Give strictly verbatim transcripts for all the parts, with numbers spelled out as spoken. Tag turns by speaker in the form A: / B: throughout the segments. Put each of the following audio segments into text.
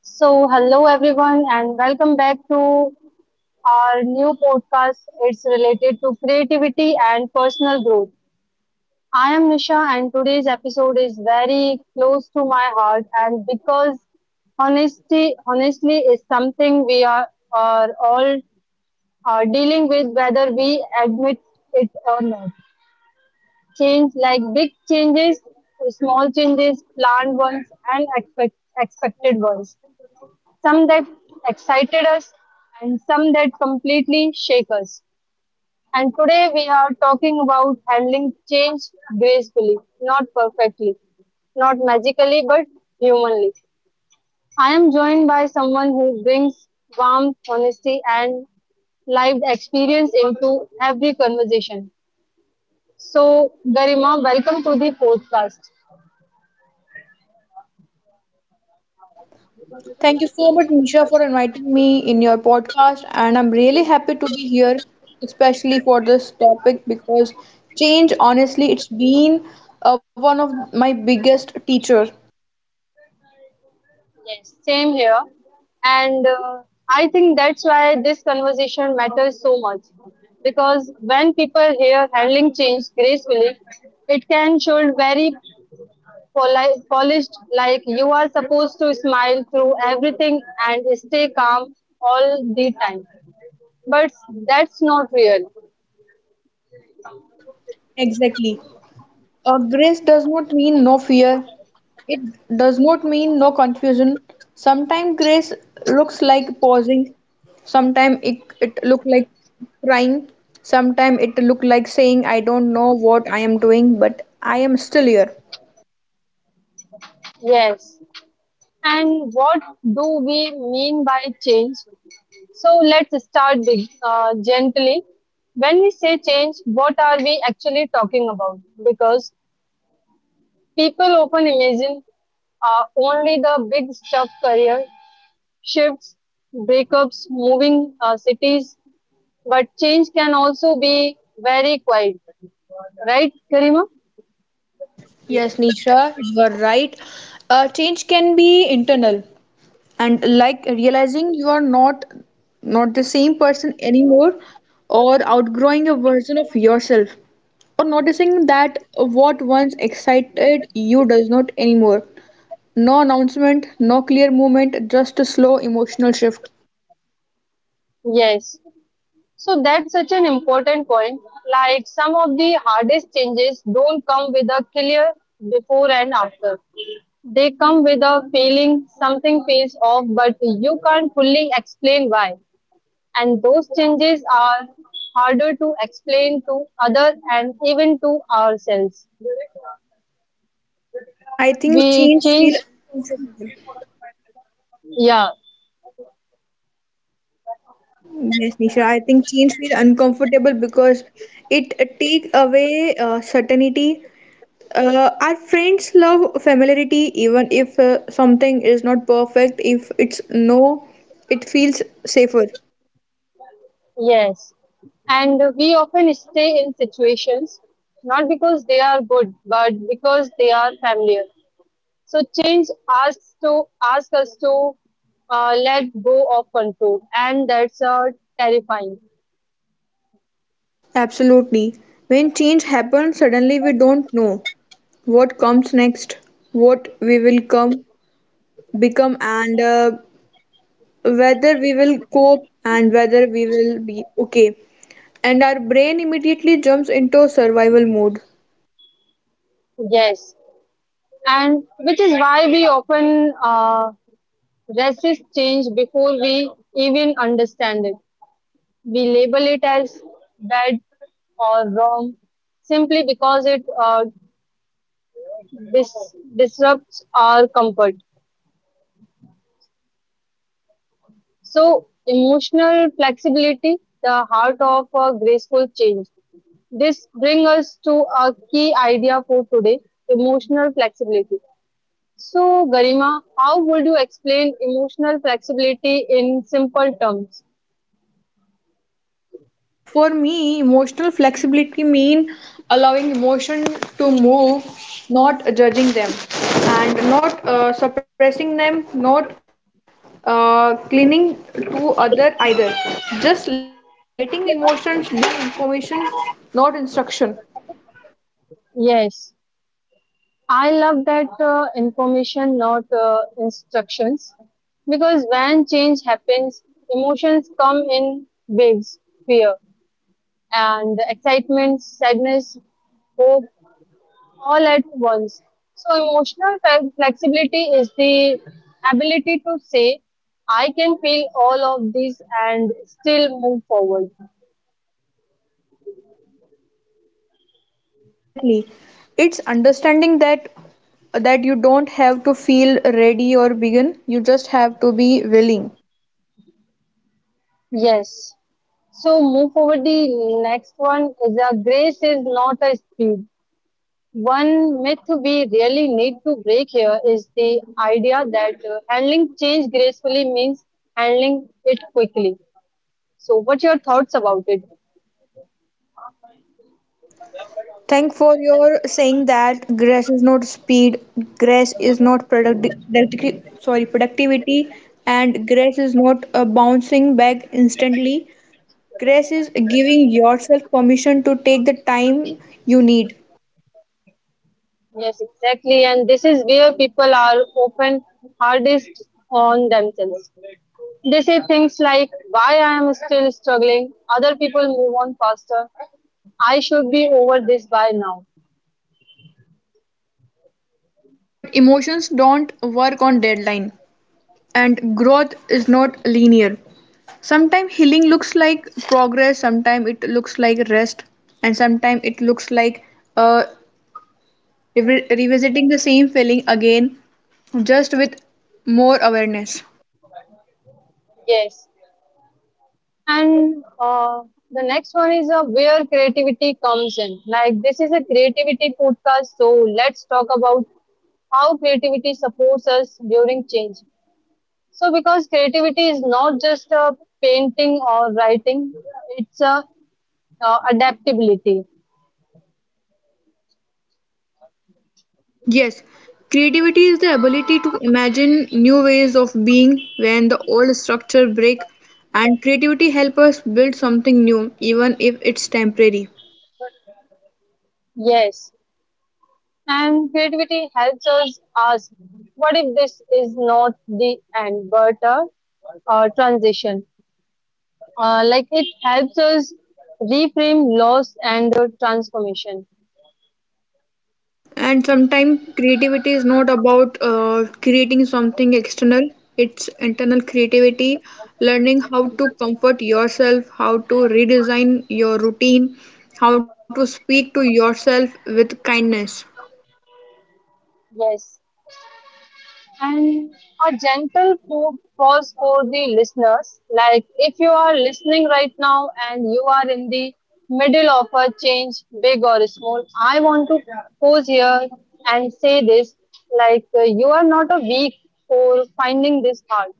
A: So, hello everyone, and welcome back to our new podcast. It's related to creativity and personal growth. I am Nisha, and today's episode is very close to my heart. And because honesty, honestly, is something we are, are all are dealing with, whether we admit it or not. Change like big changes, small changes, planned ones, and expect, expected ones. Some that excited us and some that completely shake us. And today we are talking about handling change gracefully, not perfectly, not magically, but humanly. I am joined by someone who brings warmth, honesty, and lived experience into every conversation. So, Garima, welcome to the podcast.
B: Thank you so much, Nisha, for inviting me in your podcast. And I'm really happy to be here, especially for this topic because change, honestly, it's been uh, one of my biggest teacher.
A: Yes, same here. And uh, I think that's why this conversation matters so much. Because when people hear handling change gracefully, it can sound very poli- polished, like you are supposed to smile through everything and stay calm all the time. But that's not real.
B: Exactly. Uh, grace does not mean no fear. It does not mean no confusion. Sometimes grace looks like pausing. Sometimes it, it look like crying. Sometimes it look like saying, I don't know what I am doing, but I am still here.
A: Yes. And what do we mean by change? So let's start big, uh, gently. When we say change, what are we actually talking about? Because people often imagine uh, only the big stuff career shifts, breakups, moving uh, cities, but change can also be very quiet. Right, Karima?
B: Yes, Nisha, you are right. Uh, change can be internal, and like realizing you are not not the same person anymore, or outgrowing a version of yourself, or noticing that what once excited you does not anymore. No announcement, no clear movement, just a slow emotional shift.
A: Yes. So that's such an important point. Like some of the hardest changes don't come with a clear before and after. They come with a feeling something feels off, but you can't fully explain why. And those changes are harder to explain to others and even to ourselves.
B: I think
A: We
B: change feel
A: change,
B: uncomfortable.
A: yeah,
B: Yes, Nisha, I think change feel uncomfortable because it uh, take away uh, certainty. Uh, our friends love familiarity even if uh, something is not perfect, if it's no, it feels safer.
A: yes. And we often stay in situations not because they are good, but because they are familiar. So change asks to ask us to uh, let go of control, and that's uh, terrifying.
B: Absolutely. When change happens, suddenly we don't know what comes next, what we will come become, and uh, whether we will cope and whether we will be okay. And our brain immediately jumps into survival mode.
A: Yes, and which is why we often uh, resist change before we even understand it. We label it as bad or wrong simply because it uh, dis- disrupts our comfort. So, emotional flexibility, the heart of a graceful change. This brings us to a key idea for today emotional flexibility. So, Garima, how would you explain emotional flexibility in simple terms?
B: For me, emotional flexibility mean allowing emotion to move, not judging them, and not uh, suppressing them, not uh, clinging to other either. Just letting emotions be information, not instruction.
A: Yes, I love that uh, information, not uh, instructions, because when change happens, emotions come in waves, fear and excitement, sadness, hope, all at once. So, emotional fe- flexibility is the ability to say, I can feel all of these and still move forward.
B: Exactly. It's understanding that that you don't have to feel ready or begin, you just have to be willing.
A: Yes, so move forward. The next one is a grace is not a speed. One myth we really need to break here is the idea that uh, handling change gracefully means handling it quickly. So what are your thoughts about it?
B: Yes. Thank for your saying that grace is not speed, grace is not product, producti- sorry, productivity, and grace is not a bouncing back instantly. Grace is giving yourself permission to take the time you need.
A: Yes, exactly. And this is where people are often hardest on themselves. They say things like, why I am still struggling. Other people move on faster. I should be over this by now.
B: But emotions don't work on deadline, and growth is not linear. Sometimes healing looks like progress, sometimes it looks like rest, and sometimes it looks like uh, revi- revisiting the same feeling again, just with more awareness.
A: Yes, and uh, the next one is uh, where creativity comes in. Like this is a creativity podcast, so let's talk about how creativity supports us during change. So because creativity is not just uh, painting or writing, it's uh, uh, adaptability.
B: Yes, creativity is the ability to imagine new ways of being when the old structure break, and creativity helps us build something new even if it's temporary.
A: Yes, and creativity helps us ask, what if this is not the end, but a, a transition? Uh, like it helps us reframe loss and uh, transformation.
B: And sometimes creativity is not about uh, creating something external, it's internal creativity, learning how to comfort yourself, how to redesign your routine, how to speak to yourself with kindness.
A: Yes. And a gentle po- pause for the listeners. Like if you are listening right now and you are in the middle of a change, big or small, I want to pause here and say this. Like uh, you are not a weak for finding this hard.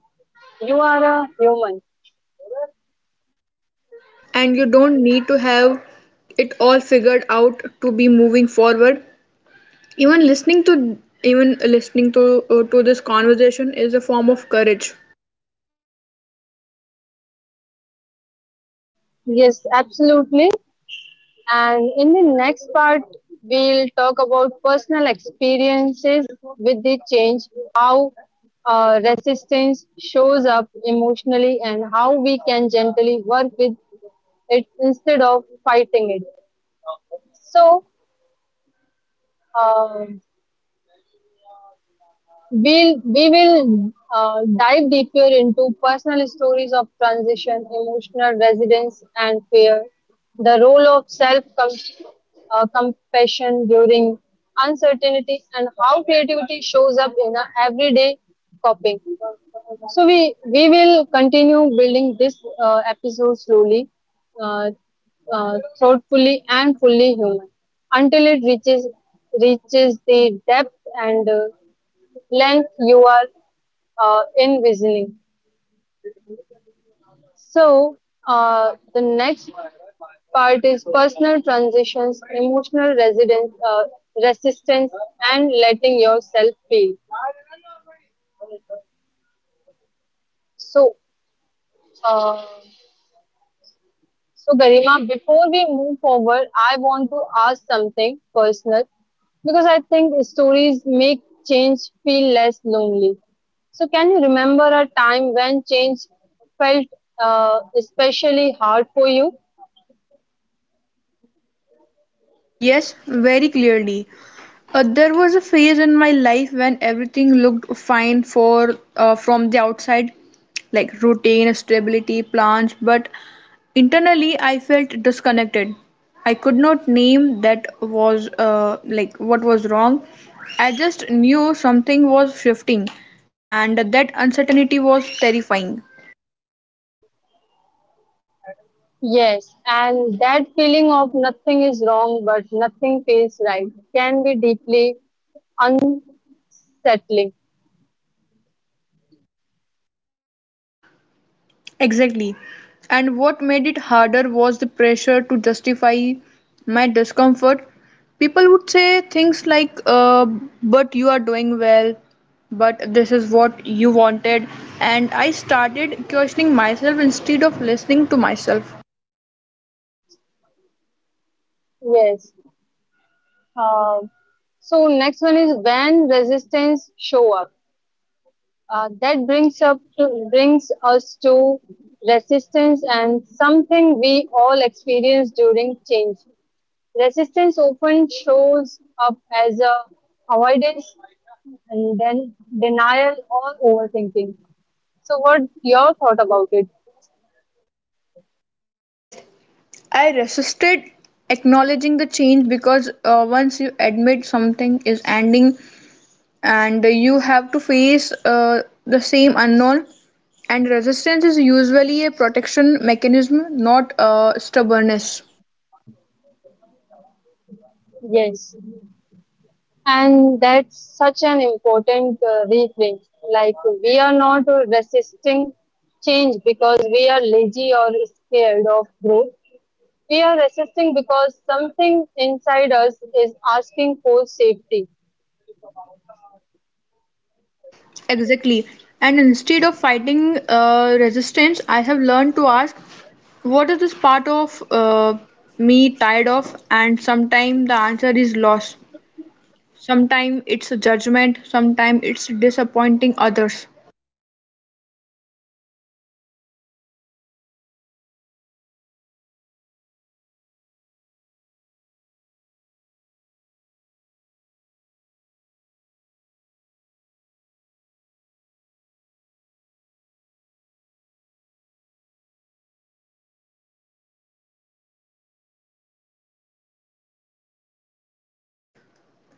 A: You are a human.
B: And you don't need to have it all figured out to be moving forward. Even listening to Even listening to uh, to this conversation is a form of courage.
A: Yes, absolutely. And in the next part, we'll talk about personal experiences with the change, how uh, resistance shows up emotionally, and how we can gently work with it instead of fighting it. So, um We'll, we will uh, dive deeper into personal stories of transition, emotional resilience, and fear, the role of self uh, compassion during uncertainty, and how creativity shows up in our everyday coping. So, we, we will continue building this uh, episode slowly, uh, uh, thoughtfully, and fully human until it reaches reaches the depth and uh, length you are uh, envisioning. So, uh, the next part is personal transitions, emotional residence, uh, resistance, and letting yourself feel. So, uh, so Garima, before we move forward, I want to ask something personal because I think stories make change feel less lonely. So, can you remember a time when change felt uh, especially hard for you?
B: Yes, very clearly. Uh, there was a phase in my life when everything looked fine for uh, from the outside, like routine, stability, plans, but internally I felt disconnected. I could not name that was uh, like what was wrong. I just knew something was shifting, and that uncertainty was terrifying.
A: Yes, and that feeling of nothing is wrong but nothing feels right can be deeply unsettling.
B: Exactly. And what made it harder was the pressure to justify my discomfort. People would say things like, uh, but you are doing well, but this is what you wanted. And I started questioning myself instead of listening to myself.
A: Yes. Uh, so next one is when resistance show up. Uh, that brings up to, brings us to resistance and something we all experience during change. Resistance often shows up as a avoidance and then denial or overthinking. So what your thought about it?
B: Yes, I resisted acknowledging the change because uh, once you admit something is ending, and you have to face uh, the same unknown, and resistance is usually a protection mechanism, not uh, stubbornness.
A: Yes, and that's such an important uh, reframe. Like, we are not resisting change because we are lazy or scared of growth. We are resisting because something inside us is asking for safety.
B: Exactly. And instead of fighting uh, resistance, I have learned to ask what is this part of uh, me tired of, and sometimes the answer is loss, sometimes it's a judgment, sometimes it's disappointing others.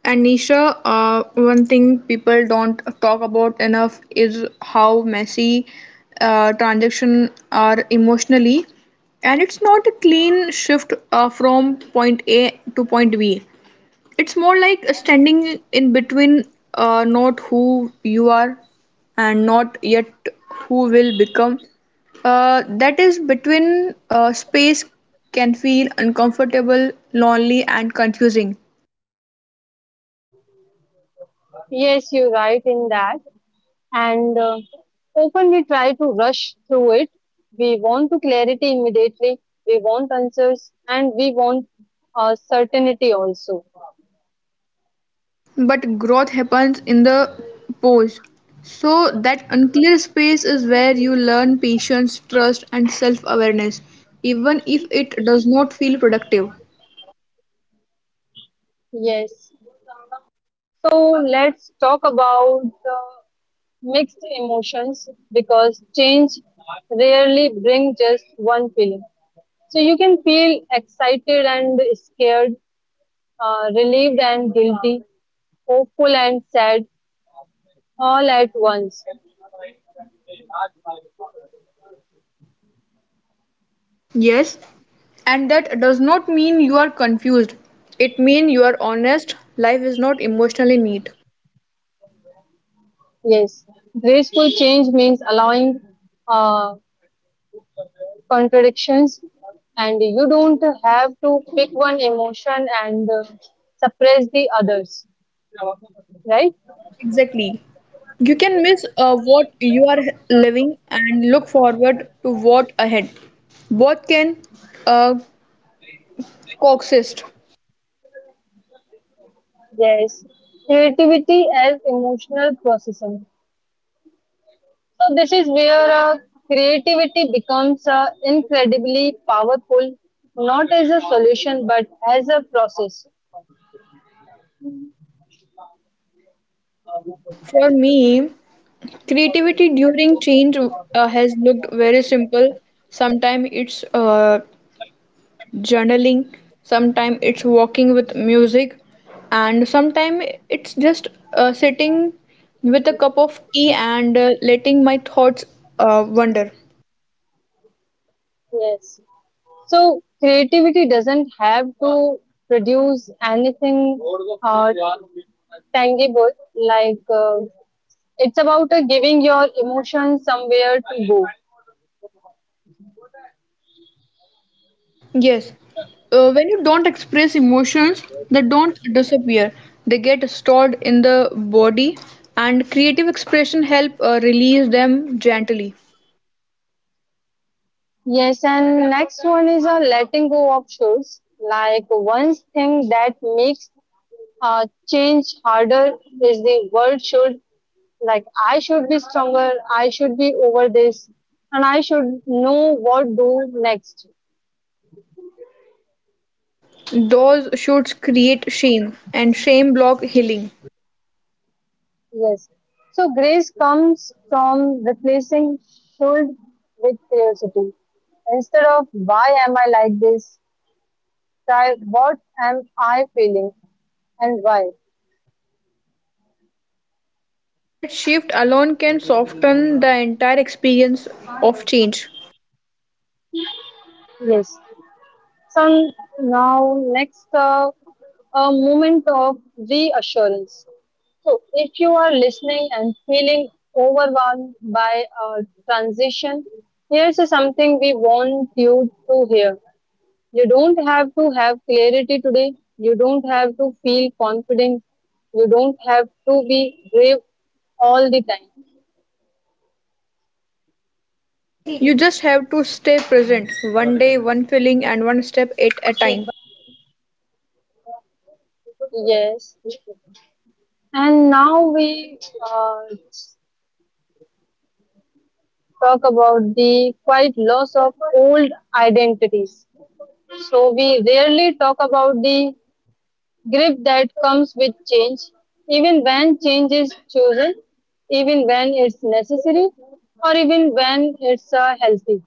B: And Nisha, uh, one thing people don't talk about enough is how messy uh, transactions are emotionally. And it's not a clean shift uh, from point A to point B. It's more like standing in between, uh, not who you are and not yet who will become. Uh, that is between uh, space, can feel uncomfortable, lonely, and confusing.
A: Yes, you're right in that. And uh, often we try to rush through it. We want to clarity immediately. We want answers and we want uh, certainty also.
B: But growth happens in the pause. So, that unclear space is where you learn patience, trust, and self awareness, even if it does not feel productive.
A: Yes. So let's talk about uh, mixed emotions because change rarely brings just one feeling. So you can feel excited and scared, uh, relieved and guilty, hopeful and sad all at once.
B: Yes, and that does not mean you are confused. It means you are honest. Life is not emotionally neat.
A: Yes, graceful change means allowing uh, contradictions, and you don't have to pick one emotion and uh, suppress the others, right?
B: Exactly. You can miss uh, what you are living and look forward to what ahead. Both can uh, coexist.
A: Yes, creativity as emotional processing. So, this is where uh, creativity becomes uh, incredibly powerful, not as a solution but as a process.
B: For me, creativity during change uh, has looked very simple. Sometimes it's uh, journaling, sometimes it's walking with music, and sometimes it's just uh, sitting with a cup of tea and uh, letting my thoughts uh, wander.
A: Yes. So creativity doesn't have to produce anything uh, tangible. Like uh, it's about uh, giving your emotions somewhere to go.
B: Yes, uh, when you don't express emotions, they don't disappear. They get stored in the body, and creative expression help uh, release them gently.
A: Yes, and next one is a letting go of shoes. Like one thing that makes uh, change harder is the world should like I should be stronger, I should be over this, and I should know what do next.
B: Those shoots create shame, and shame block healing.
A: Yes. So grace comes from replacing should with curiosity. Instead of why am I like this, try what am I feeling and why.
B: That shift alone can soften the entire experience of change.
A: Yes. So now next uh, a moment of reassurance. So if you are listening and feeling overwhelmed by a transition, here's something we want you to hear. You don't have to have clarity today. You don't have to feel confident. You don't have to be brave all the time.
B: You just have to stay present, one day, one feeling, and one step at a time.
A: Yes. And now we uh, talk about the quite loss of old identities. So we rarely talk about the grief that comes with change, even when change is chosen, even when it's necessary, or even when it's uh, healthy.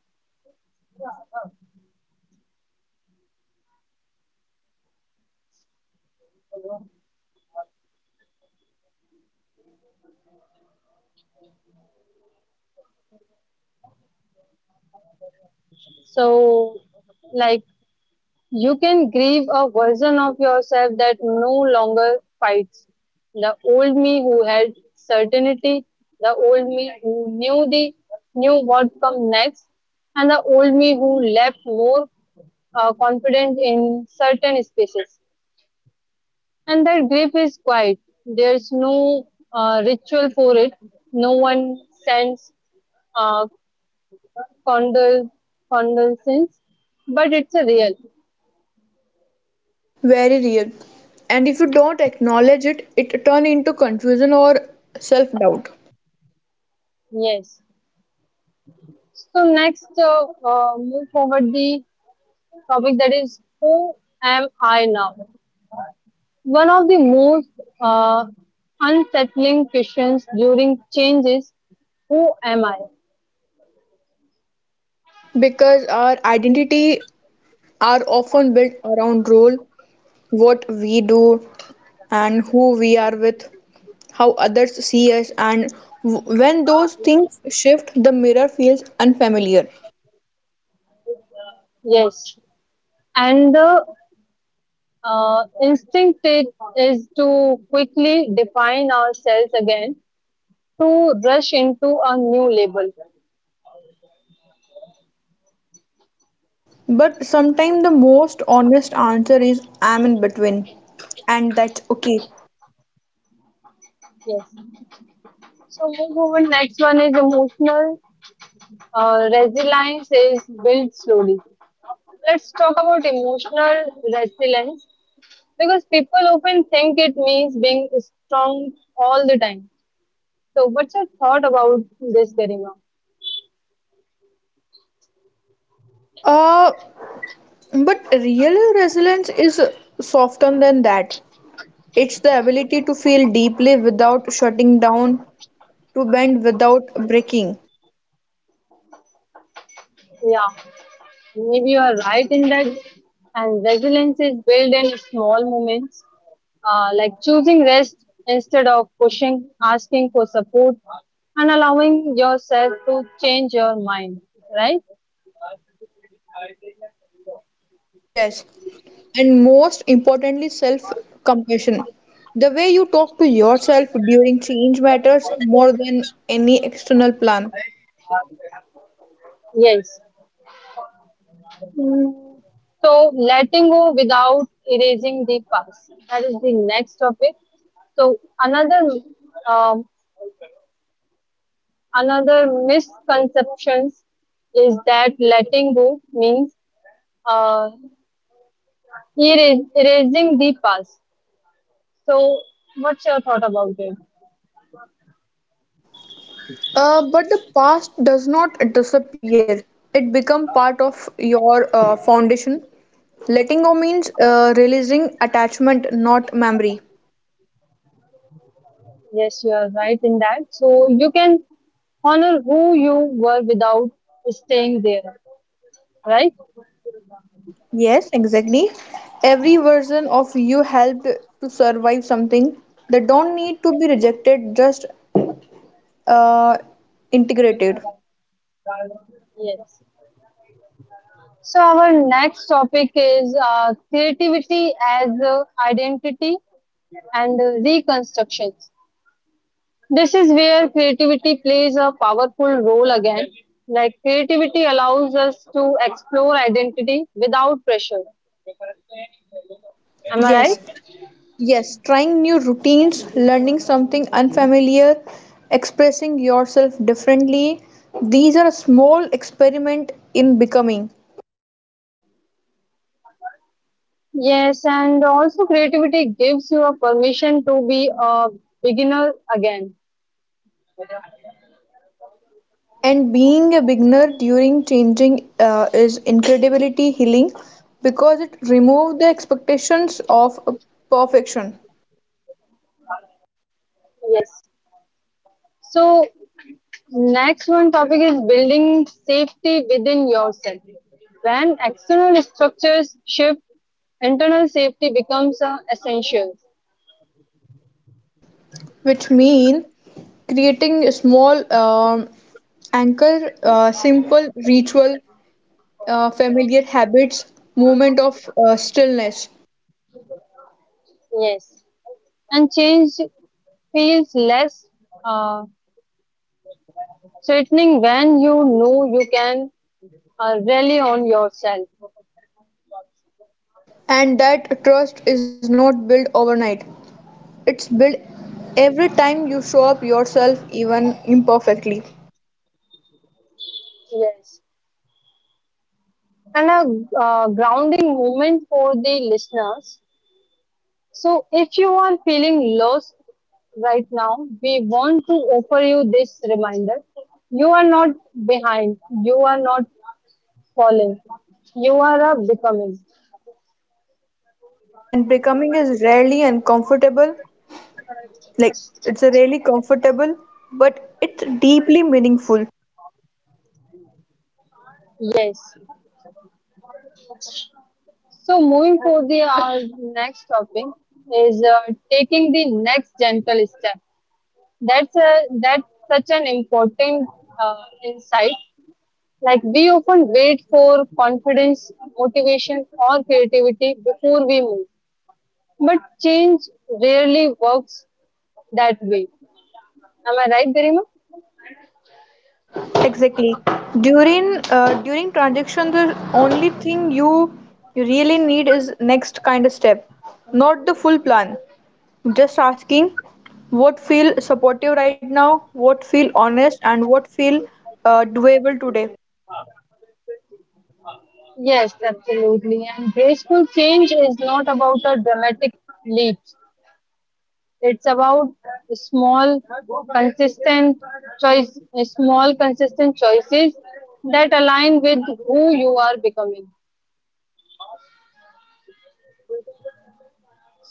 A: So, like you can grieve a version of yourself that no longer fights. The old me who had certainty, the old me who knew the knew what come next, and the old me who left more uh, confident in certain spaces. And that grief is quiet. There's no uh, ritual for it. No one sends uh, condol- condolences, but it's a real
B: Very real. And if you don't acknowledge it, it turns into confusion or self doubt.
A: yes. So next, uh, uh, move forward the topic that is who am I now? One of the most uh, unsettling questions during change is who am I?
B: Because our identity are often built around role, what we do, and who we are with, how others see us, and w- when those things shift, the mirror feels unfamiliar.
A: Yes, and the uh, instinct it is to quickly define ourselves again, to rush into a new label.
B: But sometimes the most honest answer is I'm in between, and that's okay.
A: Yes. So move forward. Next one is emotional Uh, resilience is built slowly. Let's talk about emotional resilience because people often think it means being strong all the time. So, what's your thought about this, Garima?
B: Uh, but real resilience is softer than that. It's the ability to feel deeply without shutting down, to bend without breaking.
A: Yeah, maybe you are right in that. And resilience is built in small moments, uh, like choosing rest instead of pushing, asking for support, and allowing yourself to change your mind, right?
B: Yes, and most importantly self compassion, the way you talk to yourself during change matters more than any external plan.
A: Yes. Mm. So, letting go without erasing the past. That is the next topic. So, another um, another misconceptions is that letting go means uh, eras- erasing the past. So, what's your thought about it?
B: Uh, but the past does not disappear, it becomes part of your uh, foundation. Letting go means uh, releasing attachment, not memory.
A: Yes, you are right in that. So, you can honor who you were without staying there, right?
B: Yes, exactly, every version of you helped to survive something. They don't need to be rejected, just uh, integrated.
A: Yes. So our next topic is uh, creativity as uh, identity and uh, reconstructions. This is where creativity plays a powerful role again. Like creativity allows us to explore identity without pressure. Am I
B: Yes.
A: right?
B: Yes, trying new routines, learning something unfamiliar, expressing yourself differently. These are a small experiment in becoming.
A: Yes, and also creativity gives you a permission to be a beginner again.
B: And being a beginner during changing uh, is incredibility healing because it removes the expectations of perfection,
A: Yes. So next one topic is building safety within yourself. When external structures shift, internal safety becomes uh, essential.
B: which mean creating a small um, anchor, uh, simple ritual, uh, familiar habits, moment of uh, stillness.
A: Yes, and change feels less uh, threatening when you know you can uh, rely on yourself.
B: And that trust is not built overnight. It's built every time you show up yourself, even imperfectly.
A: Yes, and a uh, grounding moment for the listeners. So, if you are feeling lost right now, we want to offer you this reminder. You are not behind, you are not falling, you are a becoming.
B: And becoming is rarely uncomfortable, like it's a really comfortable, but it's deeply meaningful.
A: Yes. So, moving for the our next topic is uh, taking the next gentle step. That's a that's such an important uh, insight. Like we often wait for confidence, motivation, or creativity before we move but change rarely works that way. Am I right, Garima?
B: Exactly. During uh, during transaction, the only thing you really need is next kind of step, not the full plan. Just asking what feel supportive right now, what feel honest, and what feel uh, doable today.
A: Yes, absolutely. And graceful change is not about a dramatic leap. It's about small, consistent choice, small, consistent choices that align with who you are becoming.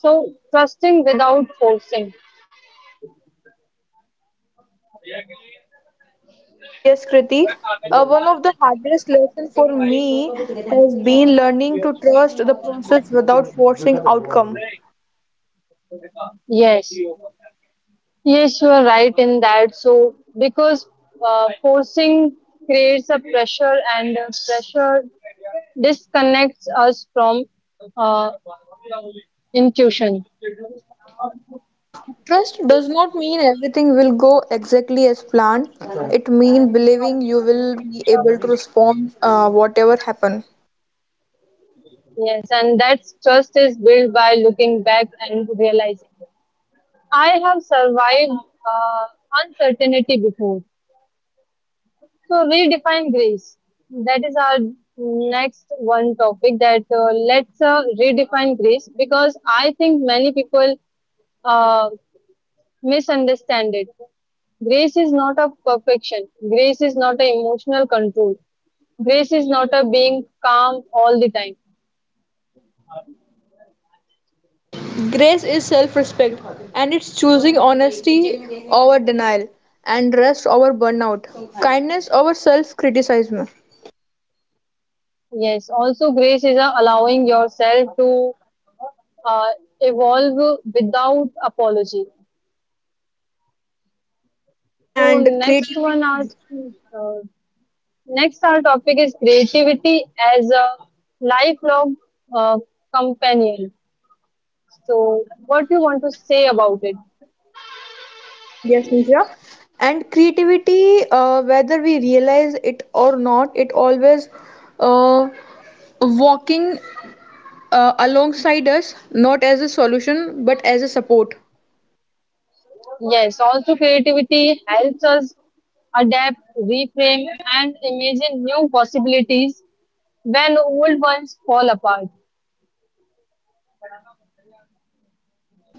A: So,
B: Uh,
A: trusting without forcing.
B: yes, Kriti. Uh, one of the hardest lessons for me has been learning to trust the process without forcing outcome.
A: Yes. Yes, you are right in that. So, because uh, forcing creates a pressure, and uh, pressure disconnects us from uh, intuition.
B: Trust does not mean everything will go exactly as planned. It means believing you will be able to respond uh, whatever happen.
A: Yes, and that trust is built by looking back and realizing I have survived uh, uncertainty before. So we define grace. That is our next one topic that uh, let's uh, redefine grace because I think many people uh, misunderstand it. Grace is not a perfection. Grace is not a emotional control. Grace is not a being calm all the time.
B: Grace is self respect, and it's choosing honesty over denial, and rest over burnout, kindness over self criticism,
A: Yes. Also, grace is a allowing yourself to uh, evolve without apology. So
B: and
A: next
B: creativity.
A: one are uh, next, our topic is creativity as a lifelong uh, companion. So,
B: Yes, yes,
A: what do you want to say about it?
B: yes, Nisha. And creativity, uh, whether we realize it or not, it always uh, walking uh, alongside us, not as a solution, but as a support.
A: Yes, also creativity helps us adapt, reframe, and imagine new possibilities when old ones fall apart.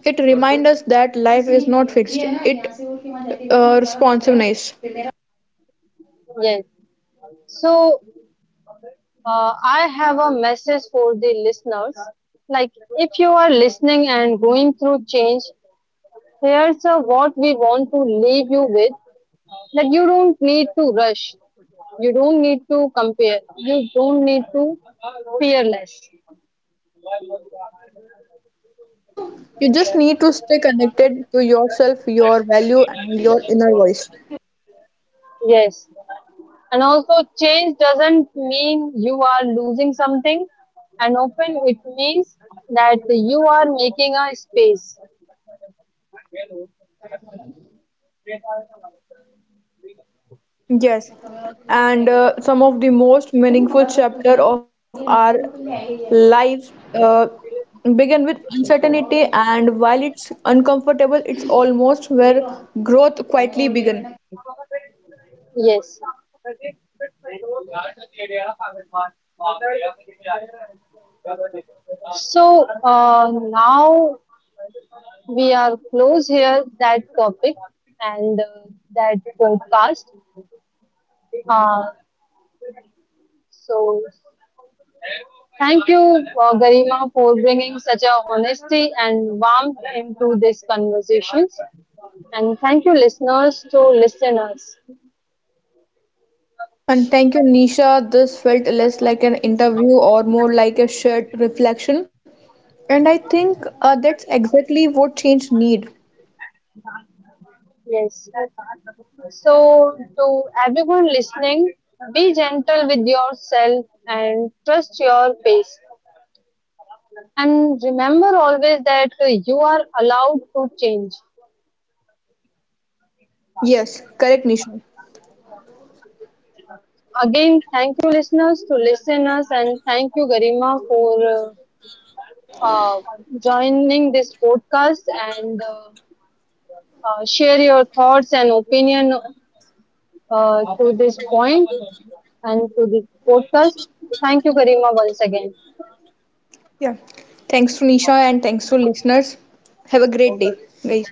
B: It reminds us that life is not fixed, it uh, responsiveness.
A: Yes. So, uh, I have a message for the listeners. Like, if you are listening and going through change, here's uh, what we want to leave you with. That you don't need to rush, you don't need to compare, you don't need to fearless.
B: You just need to stay connected to yourself, your value, and your inner voice.
A: Yes, and also change doesn't mean you are losing something and open it means that you are making a space.
B: Yes, and uh, some of the most meaningful chapter of our lives uh, begin with uncertainty, and while it's uncomfortable, it's almost where growth quietly begin.
A: Yes. So uh, now we are close here that topic and uh, that podcast. Uh, so thank you, uh, Garima, for bringing such a honesty and warmth into these conversations. And thank you, listeners, to listen us.
B: And thank you, Nisha. This felt less like an interview or more like a shared reflection, and I think uh, that's exactly what change need.
A: Yes. So, to everyone listening, be gentle with yourself and trust your pace. And remember always that uh, you are allowed to change.
B: Yes, correct, Nisha.
A: Again, thank you, listeners, to listen us, and thank you, Garima, for uh, uh, joining this podcast and uh, uh, share your thoughts and opinion uh, to this point and to this podcast. Thank you, Karima, once again.
B: Yeah. Thanks to Nisha and thanks to listeners. Have a great day, guys.